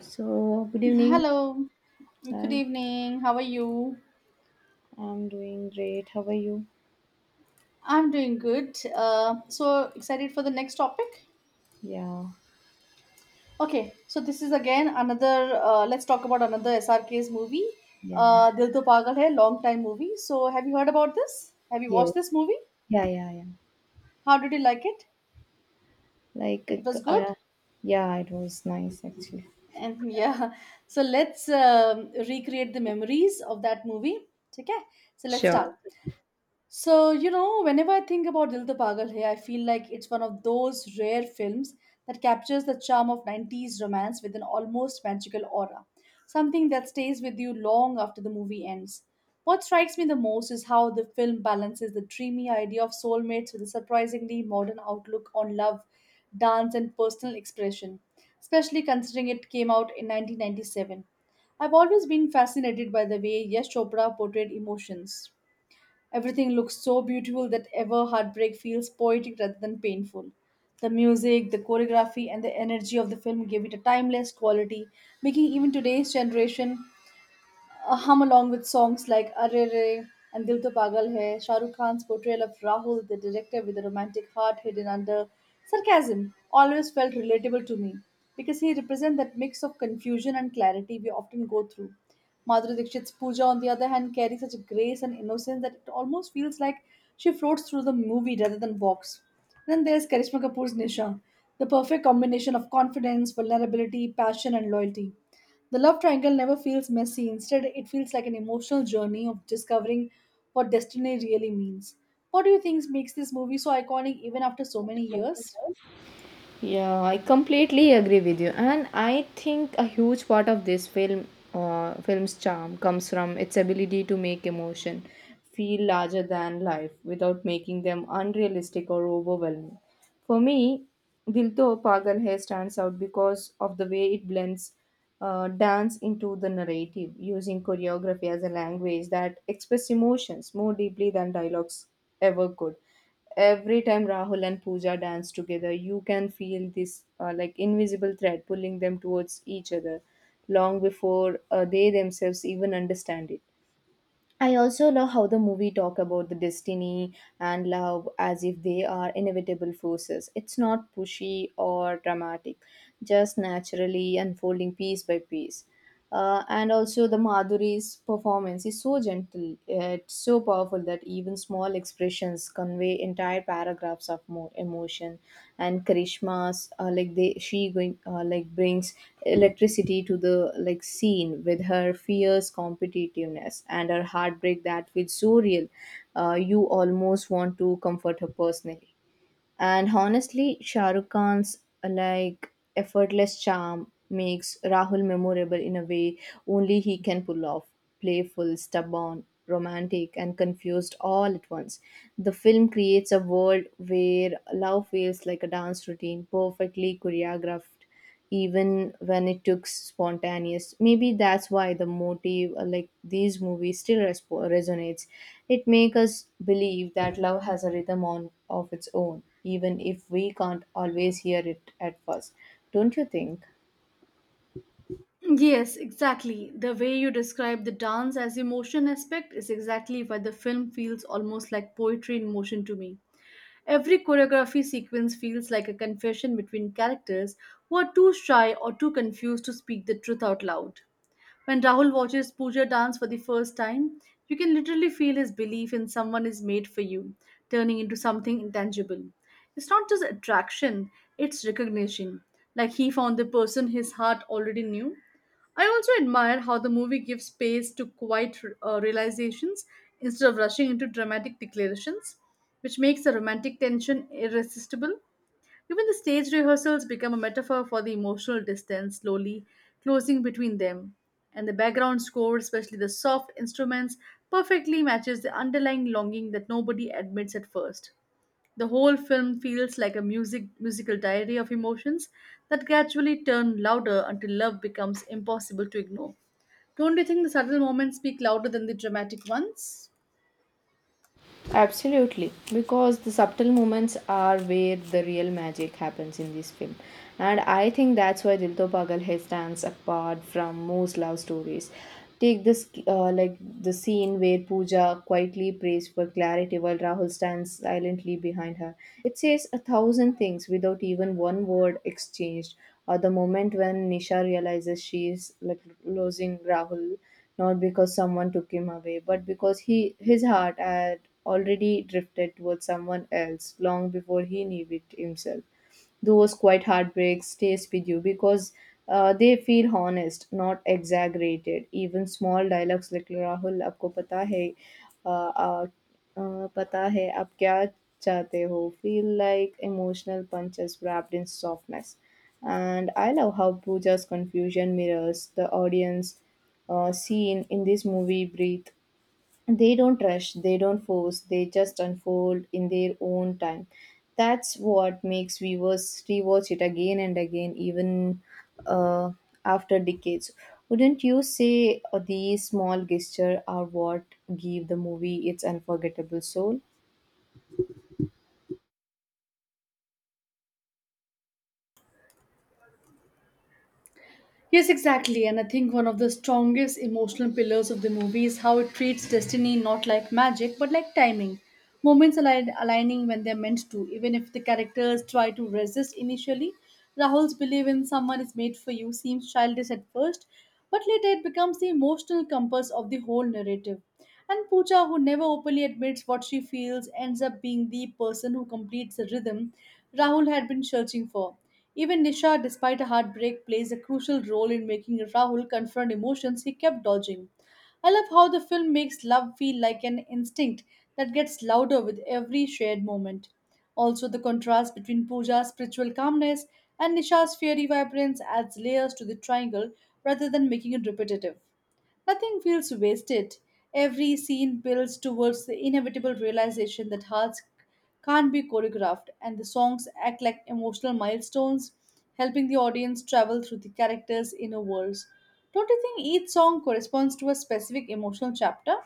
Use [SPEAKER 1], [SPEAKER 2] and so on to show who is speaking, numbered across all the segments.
[SPEAKER 1] So, good evening.
[SPEAKER 2] Hello, good
[SPEAKER 1] Hi,
[SPEAKER 2] evening. How are you?
[SPEAKER 1] I'm doing great. How are you?
[SPEAKER 2] I'm doing good. So excited for the next topic.
[SPEAKER 1] Yeah,
[SPEAKER 2] Okay, so this is again another. Let's talk about another SRK's movie.
[SPEAKER 1] yeah,
[SPEAKER 2] Dil To Pagal Hai, long time movie. So have you heard about this? Have you watched
[SPEAKER 1] yes,
[SPEAKER 2] this movie?
[SPEAKER 1] yeah, yeah, yeah.
[SPEAKER 2] How did you like it? It
[SPEAKER 1] Like,
[SPEAKER 2] was good.
[SPEAKER 1] uh, yeah, it was nice actually.
[SPEAKER 2] And yeah, so let's recreate the memories of that movie. Okay, so let's start.
[SPEAKER 1] Sure.
[SPEAKER 2] So, you know, whenever I think about Dil To Pagal Hai, I feel like it's one of those rare films that captures the charm of 90s romance with an almost magical aura, something that stays with you long after the movie ends. What strikes me the most is how the film balances the dreamy idea of soulmates with a surprisingly modern outlook on love, dance, and personal expression, especially considering it came out in 1997. I've always been fascinated by the way Yash Chopra portrayed emotions. Everything looks so beautiful that ever heartbreak feels poetic rather than painful. The music, the choreography, and the energy of the film gave it a timeless quality, making even today's generation hum along with songs like Arre Re and Dil To Pagal Hai. Shah Rukh Khan's portrayal of Rahul, the director with a romantic heart hidden under sarcasm, always felt relatable to me because he represents that mix of confusion and clarity we often go through. Madhuri Dixit's Pooja, on the other hand, carries such a grace and innocence that it almost feels like she floats through the movie rather than walks. Then there's Karishma Kapoor's Nisha, the perfect combination of confidence, vulnerability, passion, and loyalty. The love triangle never feels messy. Instead, it feels like an emotional journey of discovering what destiny really means. What do you think makes this movie so iconic even after so many years?
[SPEAKER 1] Yeah, I completely agree with you, and I think a huge part of this film's charm, comes from its ability to make emotion feel larger than life without making them unrealistic or overwhelming. For me, Dil To Pagal Hai stands out because of the way it blends dance into the narrative, using choreography as a language that expresses emotions more deeply than dialogues ever could. Every time Rahul and Pooja dance together, you can feel this like invisible thread pulling them towards each other long before they themselves even understand it. I also love how the movie talk about the destiny and love as if they are inevitable forces. It's not pushy or dramatic, just naturally unfolding piece by piece. And also the Madhuri's performance is so gentle, it's so powerful that even small small expressions convey entire paragraphs of more emotion. And Karishma's like they she going like brings electricity to the like scene with her fierce competitiveness and her heartbreak that feels so real. You almost want to comfort her personally. And honestly, Shah Rukh Khan's like effortless charm makes Rahul memorable in a way only he can pull off. Playful, stubborn, romantic, and confused all at once. The film creates a world where love feels like a dance routine, perfectly choreographed even when it took spontaneous. Maybe that's why the motive like these movies still resonates. It makes us believe that love has a rhythm on of its own even if we can't always hear it at first, don't you think?
[SPEAKER 2] Yes, exactly. The way you describe the dance as emotion aspect is exactly why the film feels almost like poetry in motion to me. Every choreography sequence feels like a confession between characters who are too shy or too confused to speak the truth out loud. When Rahul watches Pooja dance for the first time, you can literally feel his belief in someone is made for you, turning into something intangible. It's not just attraction, it's recognition, like he found the person his heart already knew. I also admire how the movie gives space to quiet realizations instead of rushing into dramatic declarations, which makes the romantic tension irresistible. Even the stage rehearsals become a metaphor for the emotional distance slowly closing between them. And the background score, especially the soft instruments, perfectly matches the underlying longing that nobody admits at first. The whole film feels like a musical diary of emotions that gradually turn louder until love becomes impossible to ignore. Don't you think the subtle moments speak louder than the dramatic ones?
[SPEAKER 1] Absolutely, because the subtle moments are where the real magic happens in this film. And I think that's why Dil To Pagal Hai stands apart from most love stories. Take this, like the scene where Pooja quietly prays for clarity while Rahul stands silently behind her. It says a thousand things without even one word exchanged. Or the moment when Nisha realizes she is like losing Rahul, not because someone took him away, but because he his heart had already drifted towards someone else long before he knew it himself. Those quiet heartbreaks stays with you because they feel honest, not exaggerated. Even small dialogues like Rahul, आपको पता है, uh, uh, पता है आप क्या चाहते हो feel like emotional punches wrapped in softness. And I love how Pooja's confusion mirrors the audience. Scene in this movie breathe, they don't rush, they don't force, they just unfold in their own time. That's what makes viewers rewatch it again and again, even uh, after decades. Wouldn't you say these small gestures are what give the movie its unforgettable soul?
[SPEAKER 2] Yes, exactly. And I think one of the strongest emotional pillars of the movie is how it treats destiny not like magic but like timing. Moments aligning when they're meant to, even if the characters try to resist initially. Rahul's belief in someone is made for you seems childish at first, but later it becomes the emotional compass of the whole narrative. And Pooja, who never openly admits what she feels, ends up being the person who completes the rhythm Rahul had been searching for. Even Nisha, despite a heartbreak, plays a crucial role in making Rahul confront emotions he kept dodging. I love how the film makes love feel like an instinct that gets louder with every shared moment. Also, the contrast between Pooja's spiritual calmness and Nisha's fiery vibrance adds layers to the triangle rather than making it repetitive. Nothing feels wasted. Every scene builds towards the inevitable realization that hearts can't be choreographed, and the songs act like emotional milestones, helping the audience travel through the characters' inner worlds. Don't you think each song corresponds to a specific emotional chapter?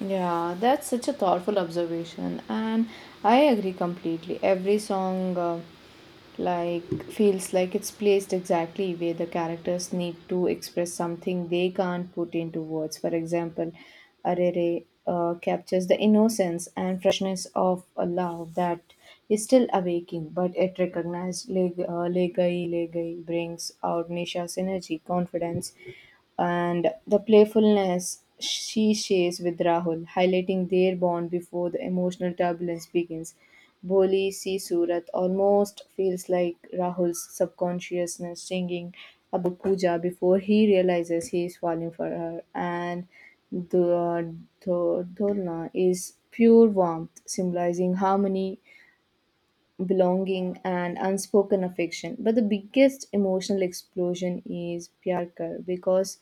[SPEAKER 1] Yeah, that's such a thoughtful observation, and I agree completely. Every song, feels like it's placed exactly where the characters need to express something they can't put into words. For example, Arere captures the innocence and freshness of a love that is still awaking, but it recognized Legai Legai brings out Nisha's energy, confidence, and the playfulness she shares with Rahul, highlighting their bond before the emotional turbulence begins. Boli Si Surat almost feels like Rahul's subconsciousness singing about Pooja before he realizes he is falling for her, and the, the is pure warmth, symbolizing harmony, belonging, and unspoken affection. But the biggest emotional explosion is Pyar Kar, because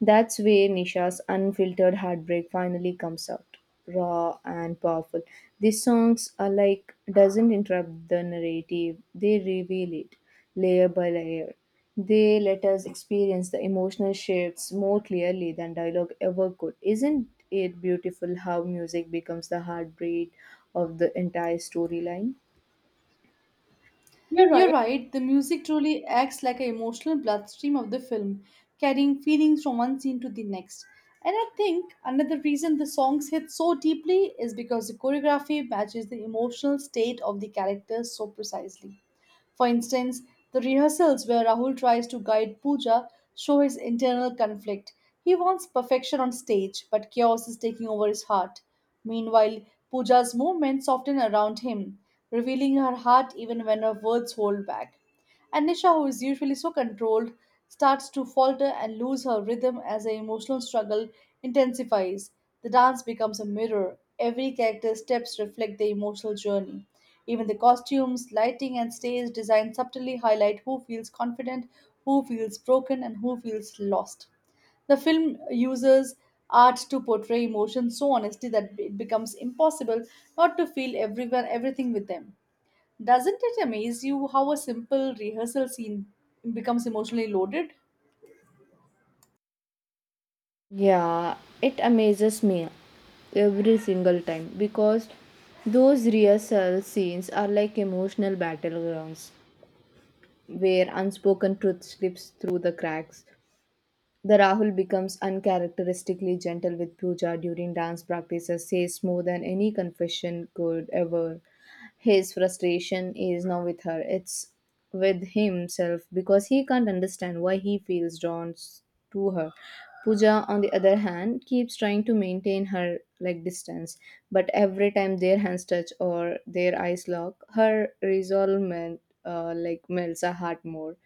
[SPEAKER 1] that's where Nisha's unfiltered heartbreak finally comes out, raw and powerful. These songs are like doesn't interrupt the narrative; they reveal it layer by layer. They let us experience the emotional shifts more clearly than dialogue ever could. Isn't it beautiful how music becomes the heartbeat of the entire storyline? You're
[SPEAKER 2] You're
[SPEAKER 1] right.
[SPEAKER 2] right, the music truly acts like an emotional bloodstream of the film, carrying feelings from one scene to the next. And I think another reason the songs hit so deeply is because the choreography matches the emotional state of the characters so precisely. For instance, the rehearsals where Rahul tries to guide Pooja show his internal conflict. He wants perfection on stage, but chaos is taking over his heart. Meanwhile, Pooja's movements soften around him, revealing her heart even when her words hold back. And Nisha, who is usually so controlled, starts to falter and lose her rhythm as the emotional struggle intensifies. The dance becomes a mirror. Every character's steps reflect their emotional journey. Even the costumes, lighting, and stage design subtly highlight who feels confident, who feels broken, and who feels lost. The film uses art to portray emotions so honestly that it becomes impossible not to feel everyone everything with them. Doesn't it amaze you how a simple rehearsal scene becomes emotionally loaded?
[SPEAKER 1] Yeah, it amazes me every single time because those rehearsal scenes are like emotional battlegrounds where unspoken truth slips through the cracks. The Rahul becomes uncharacteristically gentle with Pooja during dance practices, says more than any confession could ever. His frustration is not with her, it's with himself because he can't understand why he feels to her. Pooja, on the other hand, keeps trying to maintain her like distance, but every time their hands touch or their eyes lock, her resolve melts her heart more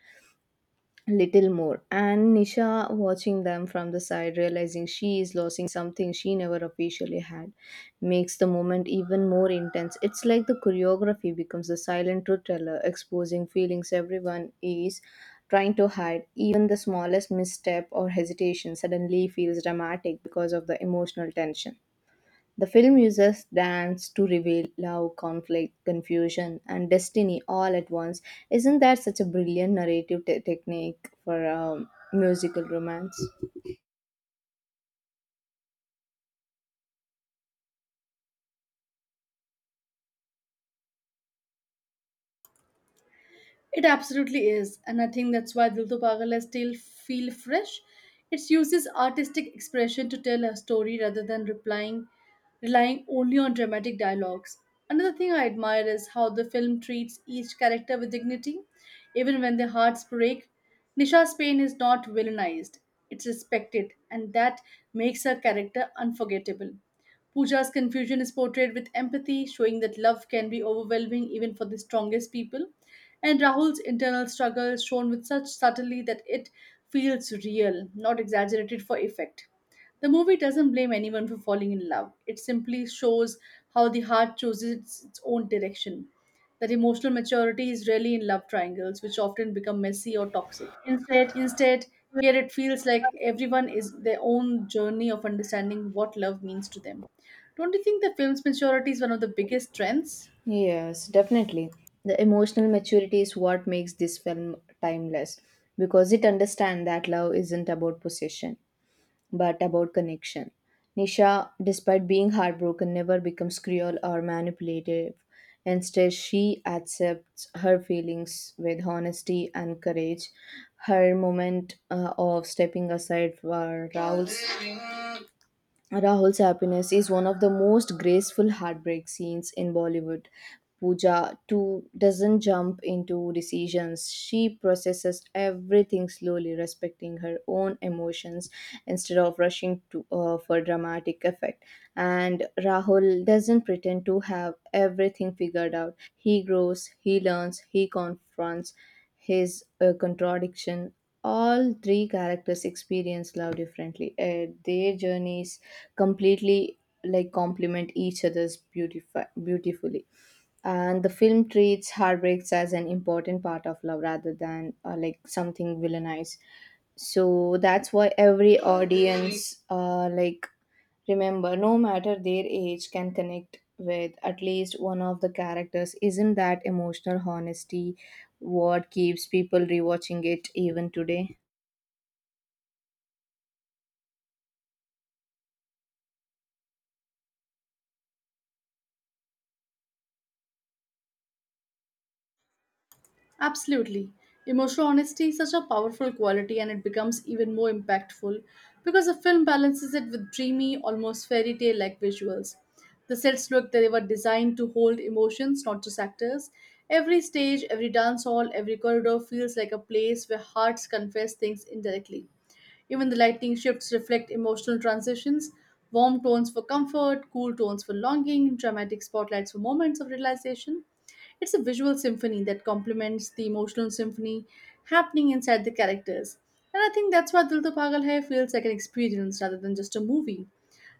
[SPEAKER 1] little more. And Nisha, watching them from the side, realizing she is losing something she never officially had, makes the moment even more intense. It's like the choreography becomes the silent truth teller, exposing feelings everyone is trying to hide. Even the smallest misstep or hesitation suddenly feels dramatic because of the emotional tension. The film uses dance to reveal love, conflict, confusion, and destiny all at once. Isn't that such a brilliant narrative technique for musical romance?
[SPEAKER 2] It absolutely is, and I think that's why Dil To Pagal I still feel fresh. It uses artistic expression to tell a story rather than replying, relying only on dramatic dialogues. Another thing I admire is how the film treats each character with dignity, even when their hearts break. Nisha's pain is not villainized, it's respected, and that makes her character unforgettable. Pooja's confusion is portrayed with empathy, showing that love can be overwhelming even for the strongest people. And Rahul's internal struggle is shown with such subtlety that it feels real, not exaggerated for effect. The movie doesn't blame anyone for falling in love, it simply shows how the heart chooses its own direction. That emotional maturity is rarely in love triangles, which often become messy or toxic.
[SPEAKER 1] Instead,
[SPEAKER 2] Instead, here it feels like everyone is their own journey of understanding what love means to them. Don't you think the film's maturity is one of the biggest strengths?
[SPEAKER 1] yes, definitely. The emotional maturity is what makes this film timeless because it understands that love isn't about possession, but about connection. Nisha, despite being heartbroken, never becomes cruel or manipulative. Instead, she accepts her feelings with honesty and courage. Her moment of stepping aside for Raul's Rahul's happiness is one of the most graceful heartbreak scenes in Bollywood. Pooja too doesn't jump into decisions. She processes everything slowly, respecting her own emotions instead of rushing to for dramatic effect. And Rahul doesn't pretend to have everything figured out. He grows, he learns, he confronts, his contradiction. All three characters experience love differently. Their journeys completely complement each other's beautifully. And the film treats heartbreaks as an important part of love rather than like something villainized. So that's why every audience, remember, no matter their age, can connect with at least one of the characters. Isn't that emotional honesty what keeps people rewatching it even today?
[SPEAKER 2] Absolutely. Emotional honesty is such a powerful quality and it becomes even more impactful because the film balances it with dreamy, almost fairy tale like visuals. The sets look that they were designed to hold emotions, not just actors. Every stage, every dance hall, every corridor feels like a place where hearts confess things indirectly. Even the lighting shifts reflect emotional transitions, warm tones for comfort, cool tones for longing, dramatic spotlights for moments of realization. It's a visual symphony that complements the emotional symphony happening inside the characters. And I think that's why Dil To Pagal Hai feels like an experience rather than just a movie.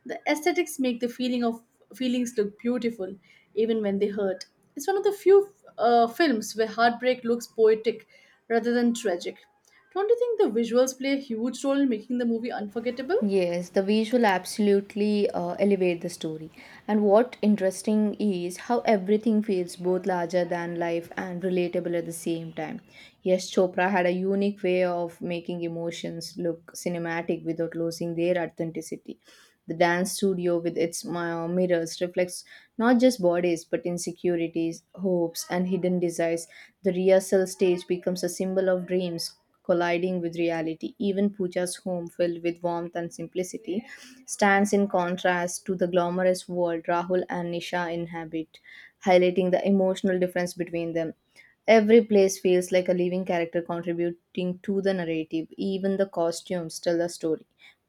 [SPEAKER 2] The aesthetics make the feelings look beautiful, even when they hurt. It's one of the few films where heartbreak looks poetic rather than tragic. Don't you think the visuals play a huge role in making the movie unforgettable?
[SPEAKER 1] Yes, the visual absolutely elevate the story. And what interesting is how everything feels both larger than life and relatable at the same time. Yes, Chopra had a unique way of making emotions look cinematic without losing their authenticity. The dance studio with its mirrors reflects not just bodies but insecurities, hopes, and hidden desires. The rehearsal stage becomes a symbol of dreams, colliding with reality. Even Pooja's home, filled with warmth and simplicity, stands in contrast to the glamorous world Rahul and Nisha inhabit, highlighting the emotional difference between them. Every place feels like a living character contributing to the narrative. Even the costumes tell the story.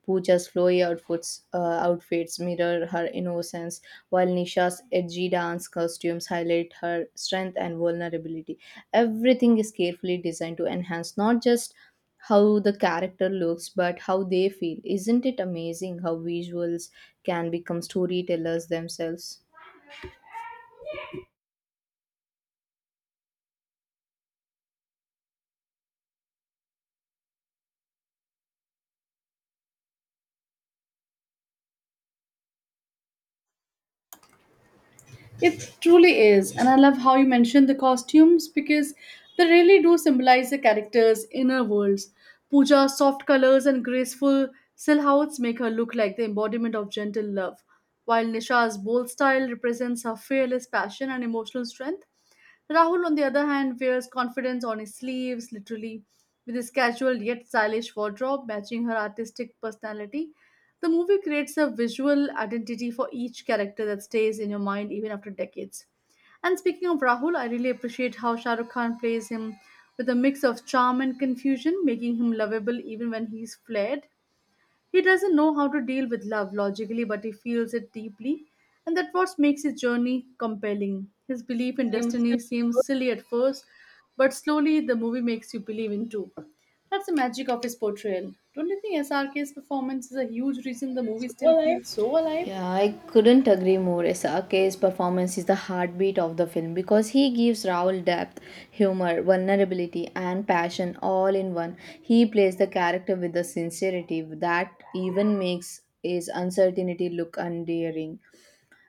[SPEAKER 1] Pooja's outfits mirror her innocence, while Nisha's edgy dance costumes highlight her strength and vulnerability. Everything is carefully designed to enhance not just how the character looks but how they feel. Isn't it amazing how visuals can become storytellers themselves?
[SPEAKER 2] It truly is, and I love how you mentioned the costumes because they really do symbolize the characters' inner worlds. Pooja's soft colors and graceful silhouettes make her look like the embodiment of gentle love, while Nisha's bold style represents her fearless passion and emotional strength. Rahul, on the other hand, wears confidence on his sleeves, literally, with his casual yet stylish wardrobe matching her artistic personality. The movie creates a visual identity for each character that stays in your mind even after decades. And speaking of Rahul, I really appreciate how Shah Rukh Khan plays him with a mix of charm and confusion, making him lovable even when he's flared. He doesn't know how to deal with love logically, but he feels it deeply, and that's what makes his journey compelling. His belief in destiny seems silly at first, but slowly the movie makes you believe in too. That's the magic of his portrayal. Don't you think SRK's performance is a huge reason the movie still
[SPEAKER 1] Well,
[SPEAKER 2] feels so alive?
[SPEAKER 1] yeah, I couldn't agree more. Sake's performance is the heartbeat of the film because he gives Raul depth, humor, vulnerability, and passion all in one. He plays the character with the sincerity that even makes his uncertainty look endearing.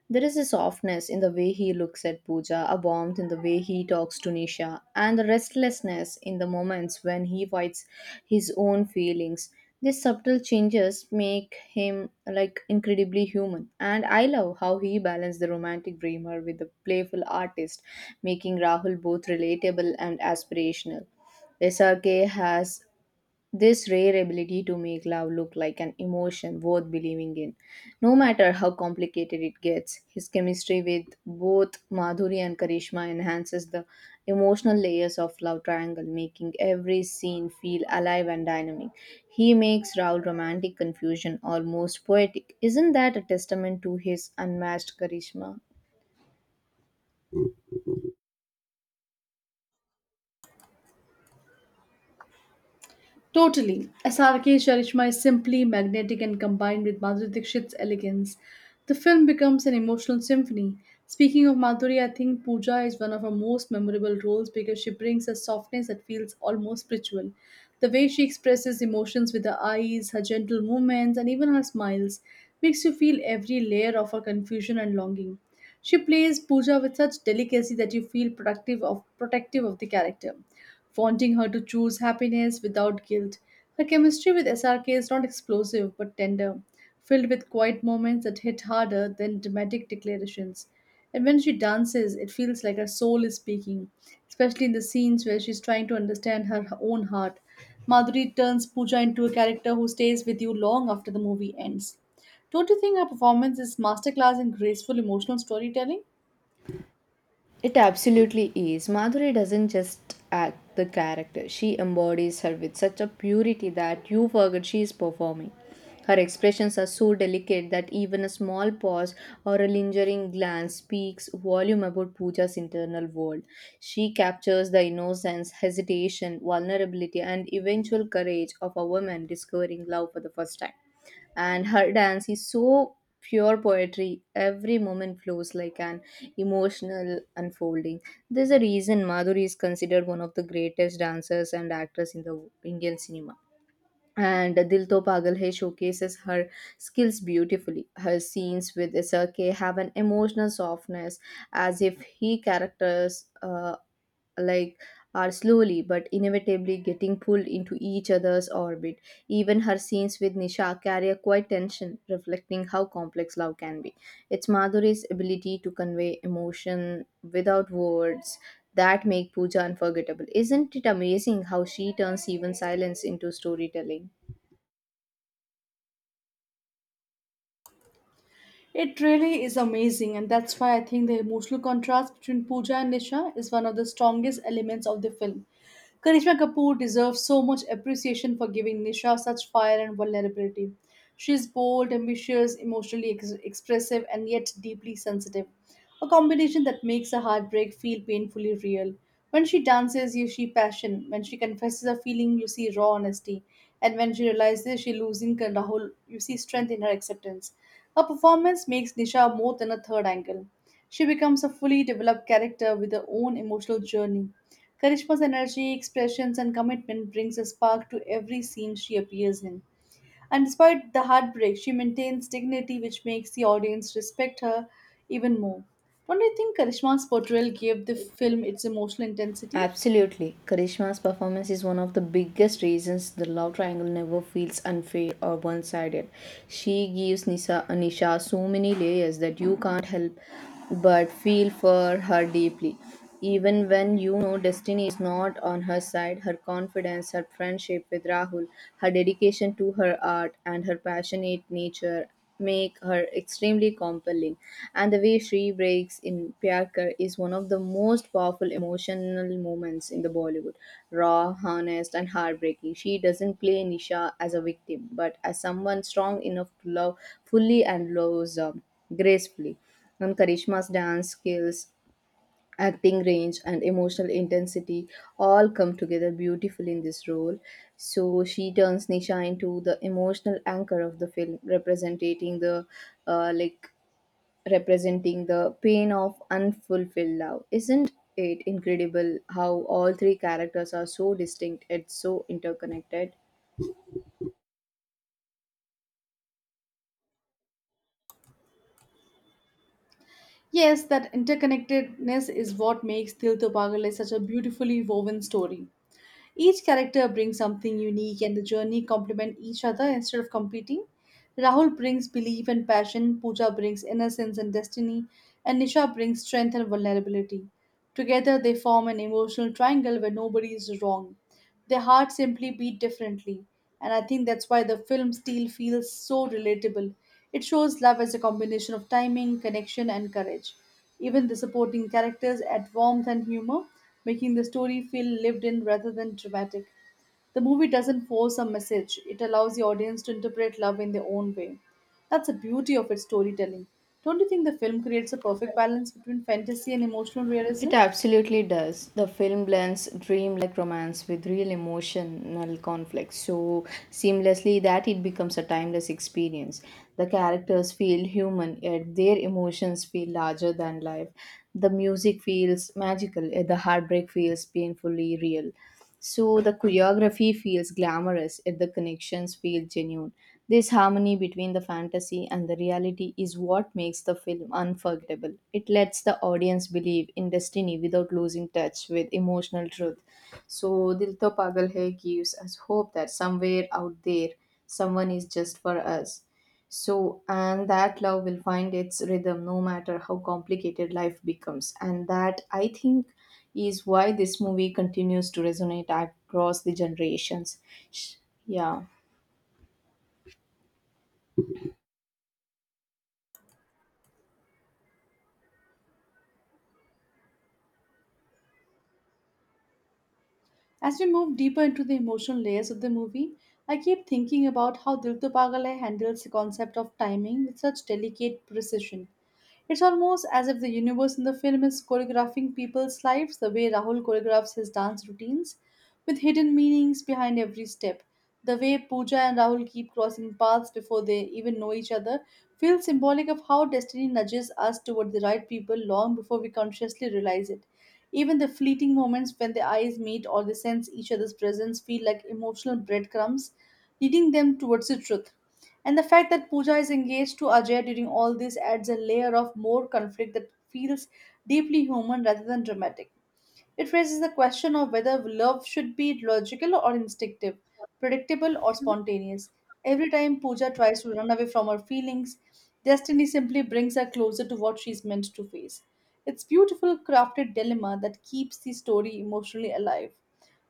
[SPEAKER 1] There is a softness in the way he looks at Pooja, a warmth in the way he talks to Nisha, and the restlessness in the moments when he fights his own feelings. These subtle changes make him like incredibly human, and I love how he balanced the romantic dreamer with the playful artist, making Rahul both relatable and aspirational. SRK has this rare ability to make love look like an emotion worth believing in, no matter how complicated it gets. His chemistry with both Madhuri and Karishma enhances the emotional layers of love triangle, making every scene feel alive and dynamic. He makes Raul romantic confusion almost poetic. Isn't that a testament to his unmatched charisma?
[SPEAKER 2] Totally. SRK Sharishma is simply magnetic and combined with Madhuri Dixit's elegance. The film becomes an emotional symphony. Speaking of Madhuri, I think Pooja is one of her most memorable roles because she brings a softness that feels almost spiritual. The way she expresses emotions with her eyes, her gentle movements, and even her smiles makes you feel every layer of her confusion and longing. She plays Pooja with such delicacy that you feel productive of protective of the character wanting her to choose happiness without guilt. Her chemistry with SRK is not explosive but tender, filled with quiet moments that hit harder than dramatic declarations. And when she dances, it feels like her soul is speaking, especially in the scenes where she's trying to understand her own heart. Madhuri turns Pooja into a character who stays with you long after the movie ends. Don't you think her performance is masterclass in graceful emotional storytelling?
[SPEAKER 1] It absolutely is. Madhuri doesn't just act the character, she embodies her with such a purity that you forget she is performing. Her expressions are so delicate that even a small pause or a lingering glance speaks volume about Pooja's internal world. She captures the innocence, hesitation, vulnerability, and eventual courage of a woman discovering love for the first time, and her dance is so pure poetry, every moment flows like an emotional unfolding. There's a reason Madhuri is considered one of the greatest dancers and actors in the Indian cinema, and Dil To Pagal Hai showcases her skills beautifully. Her scenes with Isake have an emotional softness, as if he characters like are slowly but inevitably getting pulled into each other's orbit. Even her scenes with Nisha carry a quiet tension, reflecting how complex love can be. It's Madhuri's ability to convey emotion without words that make Pooja unforgettable. Isn't it amazing how she turns even silence into storytelling?
[SPEAKER 2] It really is amazing, and that's why I think the emotional contrast between Pooja and Nisha is one of the strongest elements of the film. Karishma Kapoor deserves so much appreciation for giving Nisha such fire and vulnerability. She is bold, ambitious, emotionally expressive, and yet deeply sensitive. A combination that makes a heartbreak feel painfully real. When she dances, you see passion. When she confesses a feeling, you see raw honesty. And when she realizes she's losing control, you see strength in her acceptance. Her performance makes Nisha more than a third angle. She becomes a fully developed character with her own emotional journey. Karishma's energy, expressions, and commitment brings a spark to every scene she appears in. And despite the heartbreak, she maintains dignity, which makes the audience respect her even more. Don't you think Karishma's portrayal gave the film its emotional intensity?
[SPEAKER 1] Absolutely. Karishma's performance is one of the biggest reasons the love triangle never feels unfair or one sided. She gives Nisha so many layers that you can't help but feel for her deeply. Even when you know destiny is not on her side, her confidence, her friendship with Rahul, her dedication to her art, and her passionate nature make her extremely compelling, and the way she breaks in pyar is one of the most powerful emotional moments in the Bollywood. Raw, honest, and heartbreaking, she doesn't play Nisha as a victim but as someone strong enough to love fully and loves gracefully. And Karishma's dance skills, acting range, and emotional intensity all come together beautifully in this role. So she turns Nisha into the emotional anchor of the film, representing the uh, like representing the pain of unfulfilled love. Isn't it incredible how all three characters are so distinct and so interconnected?
[SPEAKER 2] Yes, that interconnectedness is what makes Dil to Pagal is such a beautifully woven story. Each character brings something unique and the journey complement each other instead of competing. Rahul brings belief and passion, Pooja brings innocence and destiny, and Nisha brings strength and vulnerability. Together they form an emotional triangle where nobody is wrong, their hearts simply beat differently. And I think that's why the film still feels so relatable. It shows love as a combination of timing, connection, and courage. Even the supporting characters add warmth and humor, making the story feel lived in rather than dramatic. The movie doesn't force a message, it allows the audience to interpret love in their own way. That's the beauty of its storytelling. Don't you think the film creates a perfect balance between fantasy and emotional realism?
[SPEAKER 1] It absolutely does. The film blends dreamlike romance with real emotional conflict so seamlessly that it becomes a timeless experience. The characters feel human, yet their emotions feel larger than life. The music feels magical, yet the heartbreak feels painfully real. So the choreography feels glamorous, yet the connections feel genuine. This harmony between the fantasy and the reality is what makes the film unforgettable. It lets the audience believe in destiny without losing touch with emotional truth. So Dil To Pagal Hai gives us hope that somewhere out there someone is just for us. So, and that love will find its rhythm no matter how complicated life becomes. And that, I think, is why this movie continues to resonate across the generations. Sh- Yeah.
[SPEAKER 2] As we move deeper into the emotional layers of the movie, I keep thinking about how Dil To Pagal Hai handles the concept of timing with such delicate precision. It's almost as if the universe in the film is choreographing people's lives the way Rahul choreographs his dance routines, with hidden meanings behind every step. The way Pooja and Rahul keep crossing paths before they even know each other feels symbolic of how destiny nudges us toward the right people long before we consciously realize it. Even the fleeting moments when their eyes meet or they sense each other's presence feel like emotional breadcrumbs, leading them towards the truth. And the fact that Pooja is engaged to Ajay during all this adds a layer of more conflict that feels deeply human rather than dramatic. It raises the question of whether love should be logical or instinctive, predictable or spontaneous. Every time Pooja tries to run away from her feelings, destiny simply brings her closer to what she's meant to face. It's beautiful crafted dilemma that keeps the story emotionally alive.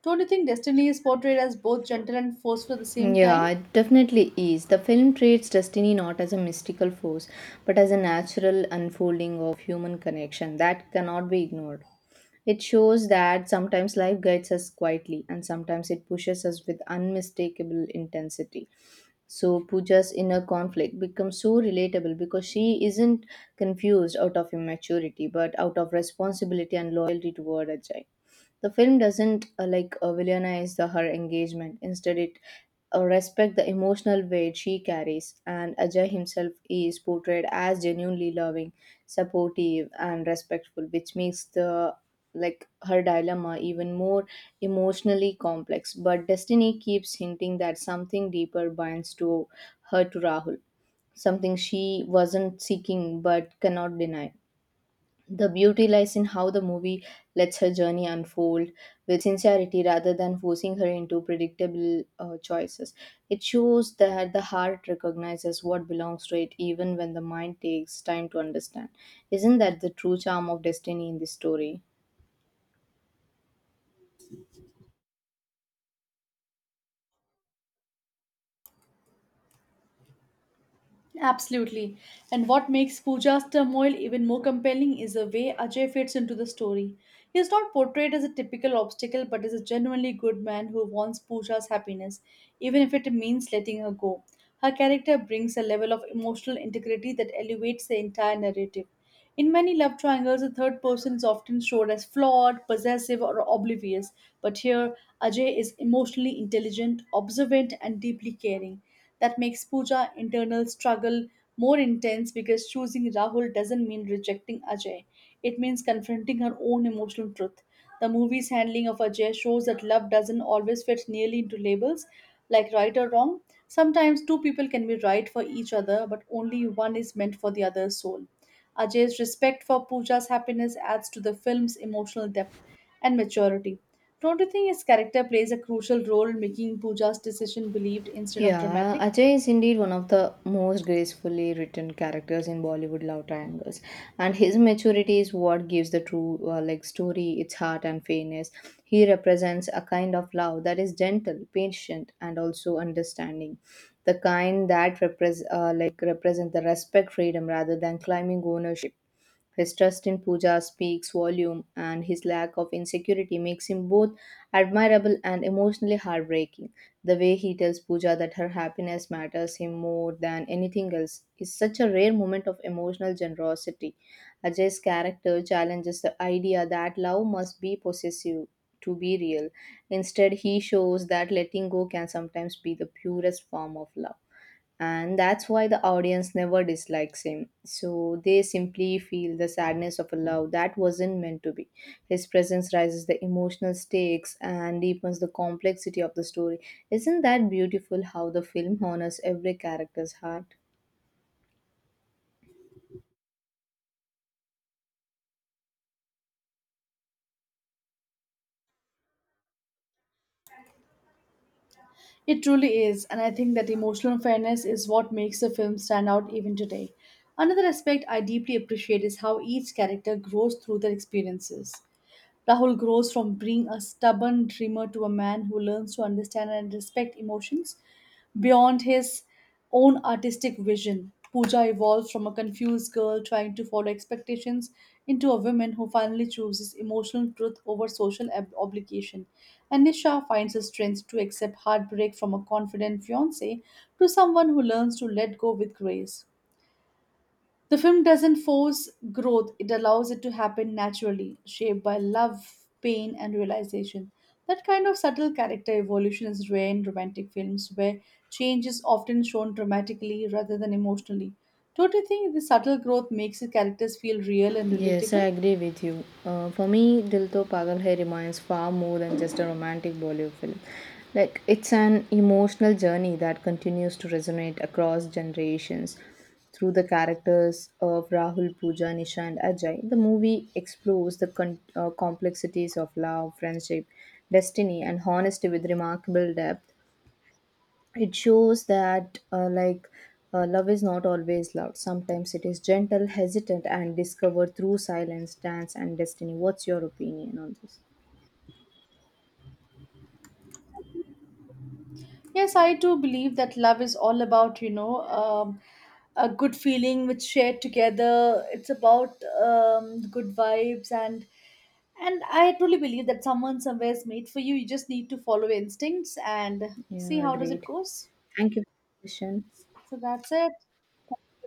[SPEAKER 2] Don't you think destiny is portrayed as both gentle and forceful at the same
[SPEAKER 1] Yeah,
[SPEAKER 2] time?
[SPEAKER 1] it definitely is. The film treats destiny not as a mystical force, but as a natural unfolding of human connection that cannot be ignored. It shows that sometimes life guides us quietly and sometimes it pushes us with unmistakable intensity. So Pooja's inner conflict becomes so relatable because she isn't confused out of immaturity but out of responsibility and loyalty toward Ajay. The film doesn't villainize her engagement. Instead, it respect the emotional weight she carries, and Ajay himself is portrayed as genuinely loving, supportive, and respectful, which makes the her dilemma even more emotionally complex. But destiny keeps hinting that something deeper binds to her to Rahul, something she wasn't seeking but cannot deny. The beauty lies in how the movie lets her journey unfold with sincerity rather than forcing her into predictable choices. It shows that the heart recognizes what belongs to it even when the mind takes time to understand. Isn't that the true charm of destiny in this story?
[SPEAKER 2] Absolutely. And what makes Pooja's turmoil even more compelling is the way Ajay fits into the story. He is not portrayed as a typical obstacle but as a genuinely good man who wants Pooja's happiness, even if it means letting her go. Her character brings a level of emotional integrity that elevates the entire narrative. In many love triangles, the third person is often showed as flawed, possessive, or oblivious, but here Ajay is emotionally intelligent, observant, and deeply caring that makes Pooja internal struggle more intense because choosing Rahul doesn't mean rejecting Ajay. It means confronting her own emotional truth. The movie's handling of Ajay shows that love doesn't always fit nearly into labels like right or wrong. Sometimes two people can be right for each other, but only one is meant for the other's soul. Ajay's respect for Pooja's happiness adds to the film's emotional depth and maturity. Don't you think his character plays a crucial role in making Pooja's decision believed instead of
[SPEAKER 1] Yeah,
[SPEAKER 2] dramatic?
[SPEAKER 1] Ajay is indeed one of the most gracefully written characters in Bollywood love triangles, and his maturity is what gives the true story its heart and fairness. He represents a kind of love that is gentle, patient, and also understanding, the kind that represent the respect freedom rather than climbing ownership. His trust in Pooja speaks volume, and his lack of insecurity makes him both admirable and emotionally heartbreaking. The way he tells Pooja that her happiness matters him more than anything else is such a rare moment of emotional generosity. Ajay's character challenges the idea that love must be possessive to be real. Instead, he shows that letting go can sometimes be the purest form of love, and that's why the audience never dislikes him. So they simply feel the sadness of a love that wasn't meant to be. His presence raises the emotional stakes and deepens the complexity of the story. Isn't that beautiful how the film honors every character's heart?
[SPEAKER 2] It truly is, and I think that emotional fairness is what makes the film stand out even today. Another aspect I deeply appreciate is how each character grows through their experiences. Rahul grows from being a stubborn dreamer to a man who learns to understand and respect emotions beyond his own artistic vision. Pooja evolves from a confused girl trying to follow expectations into a woman who finally chooses emotional truth over social obligation. And Nisha finds the strength to accept heartbreak from a confident fiance to someone who learns to let go with grace. The film doesn't force growth, it allows it to happen naturally, shaped by love, pain, and realization. That kind of subtle character evolution is rare in romantic films, where change is often shown dramatically rather than emotionally. Don't you think the subtle growth makes the characters feel real and
[SPEAKER 1] Yes, I
[SPEAKER 2] relatable?
[SPEAKER 1] agree with you. For me, Dil To Pagal Hai reminds far more than just a romantic Bollywood film. Like, it's an emotional journey that continues to resonate across generations. Through the characters of Rahul, Pooja, Nisha, and Ajay, the movie explores the complexities of love, friendship, destiny, and honesty with remarkable depth. It shows that love is not always loud. Sometimes it is gentle, hesitant, and discovered through silence, dance, and destiny. What's your opinion on this?
[SPEAKER 2] Yes, I do believe that love is all about, you know, a good feeling which shared together. It's about good vibes and I truly believe that someone somewhere is made for you. You just need to follow your instincts and see
[SPEAKER 1] Yeah,
[SPEAKER 2] how does it
[SPEAKER 1] agreed.
[SPEAKER 2] goes.
[SPEAKER 1] Thank you for the question.
[SPEAKER 2] So that's it. Thank you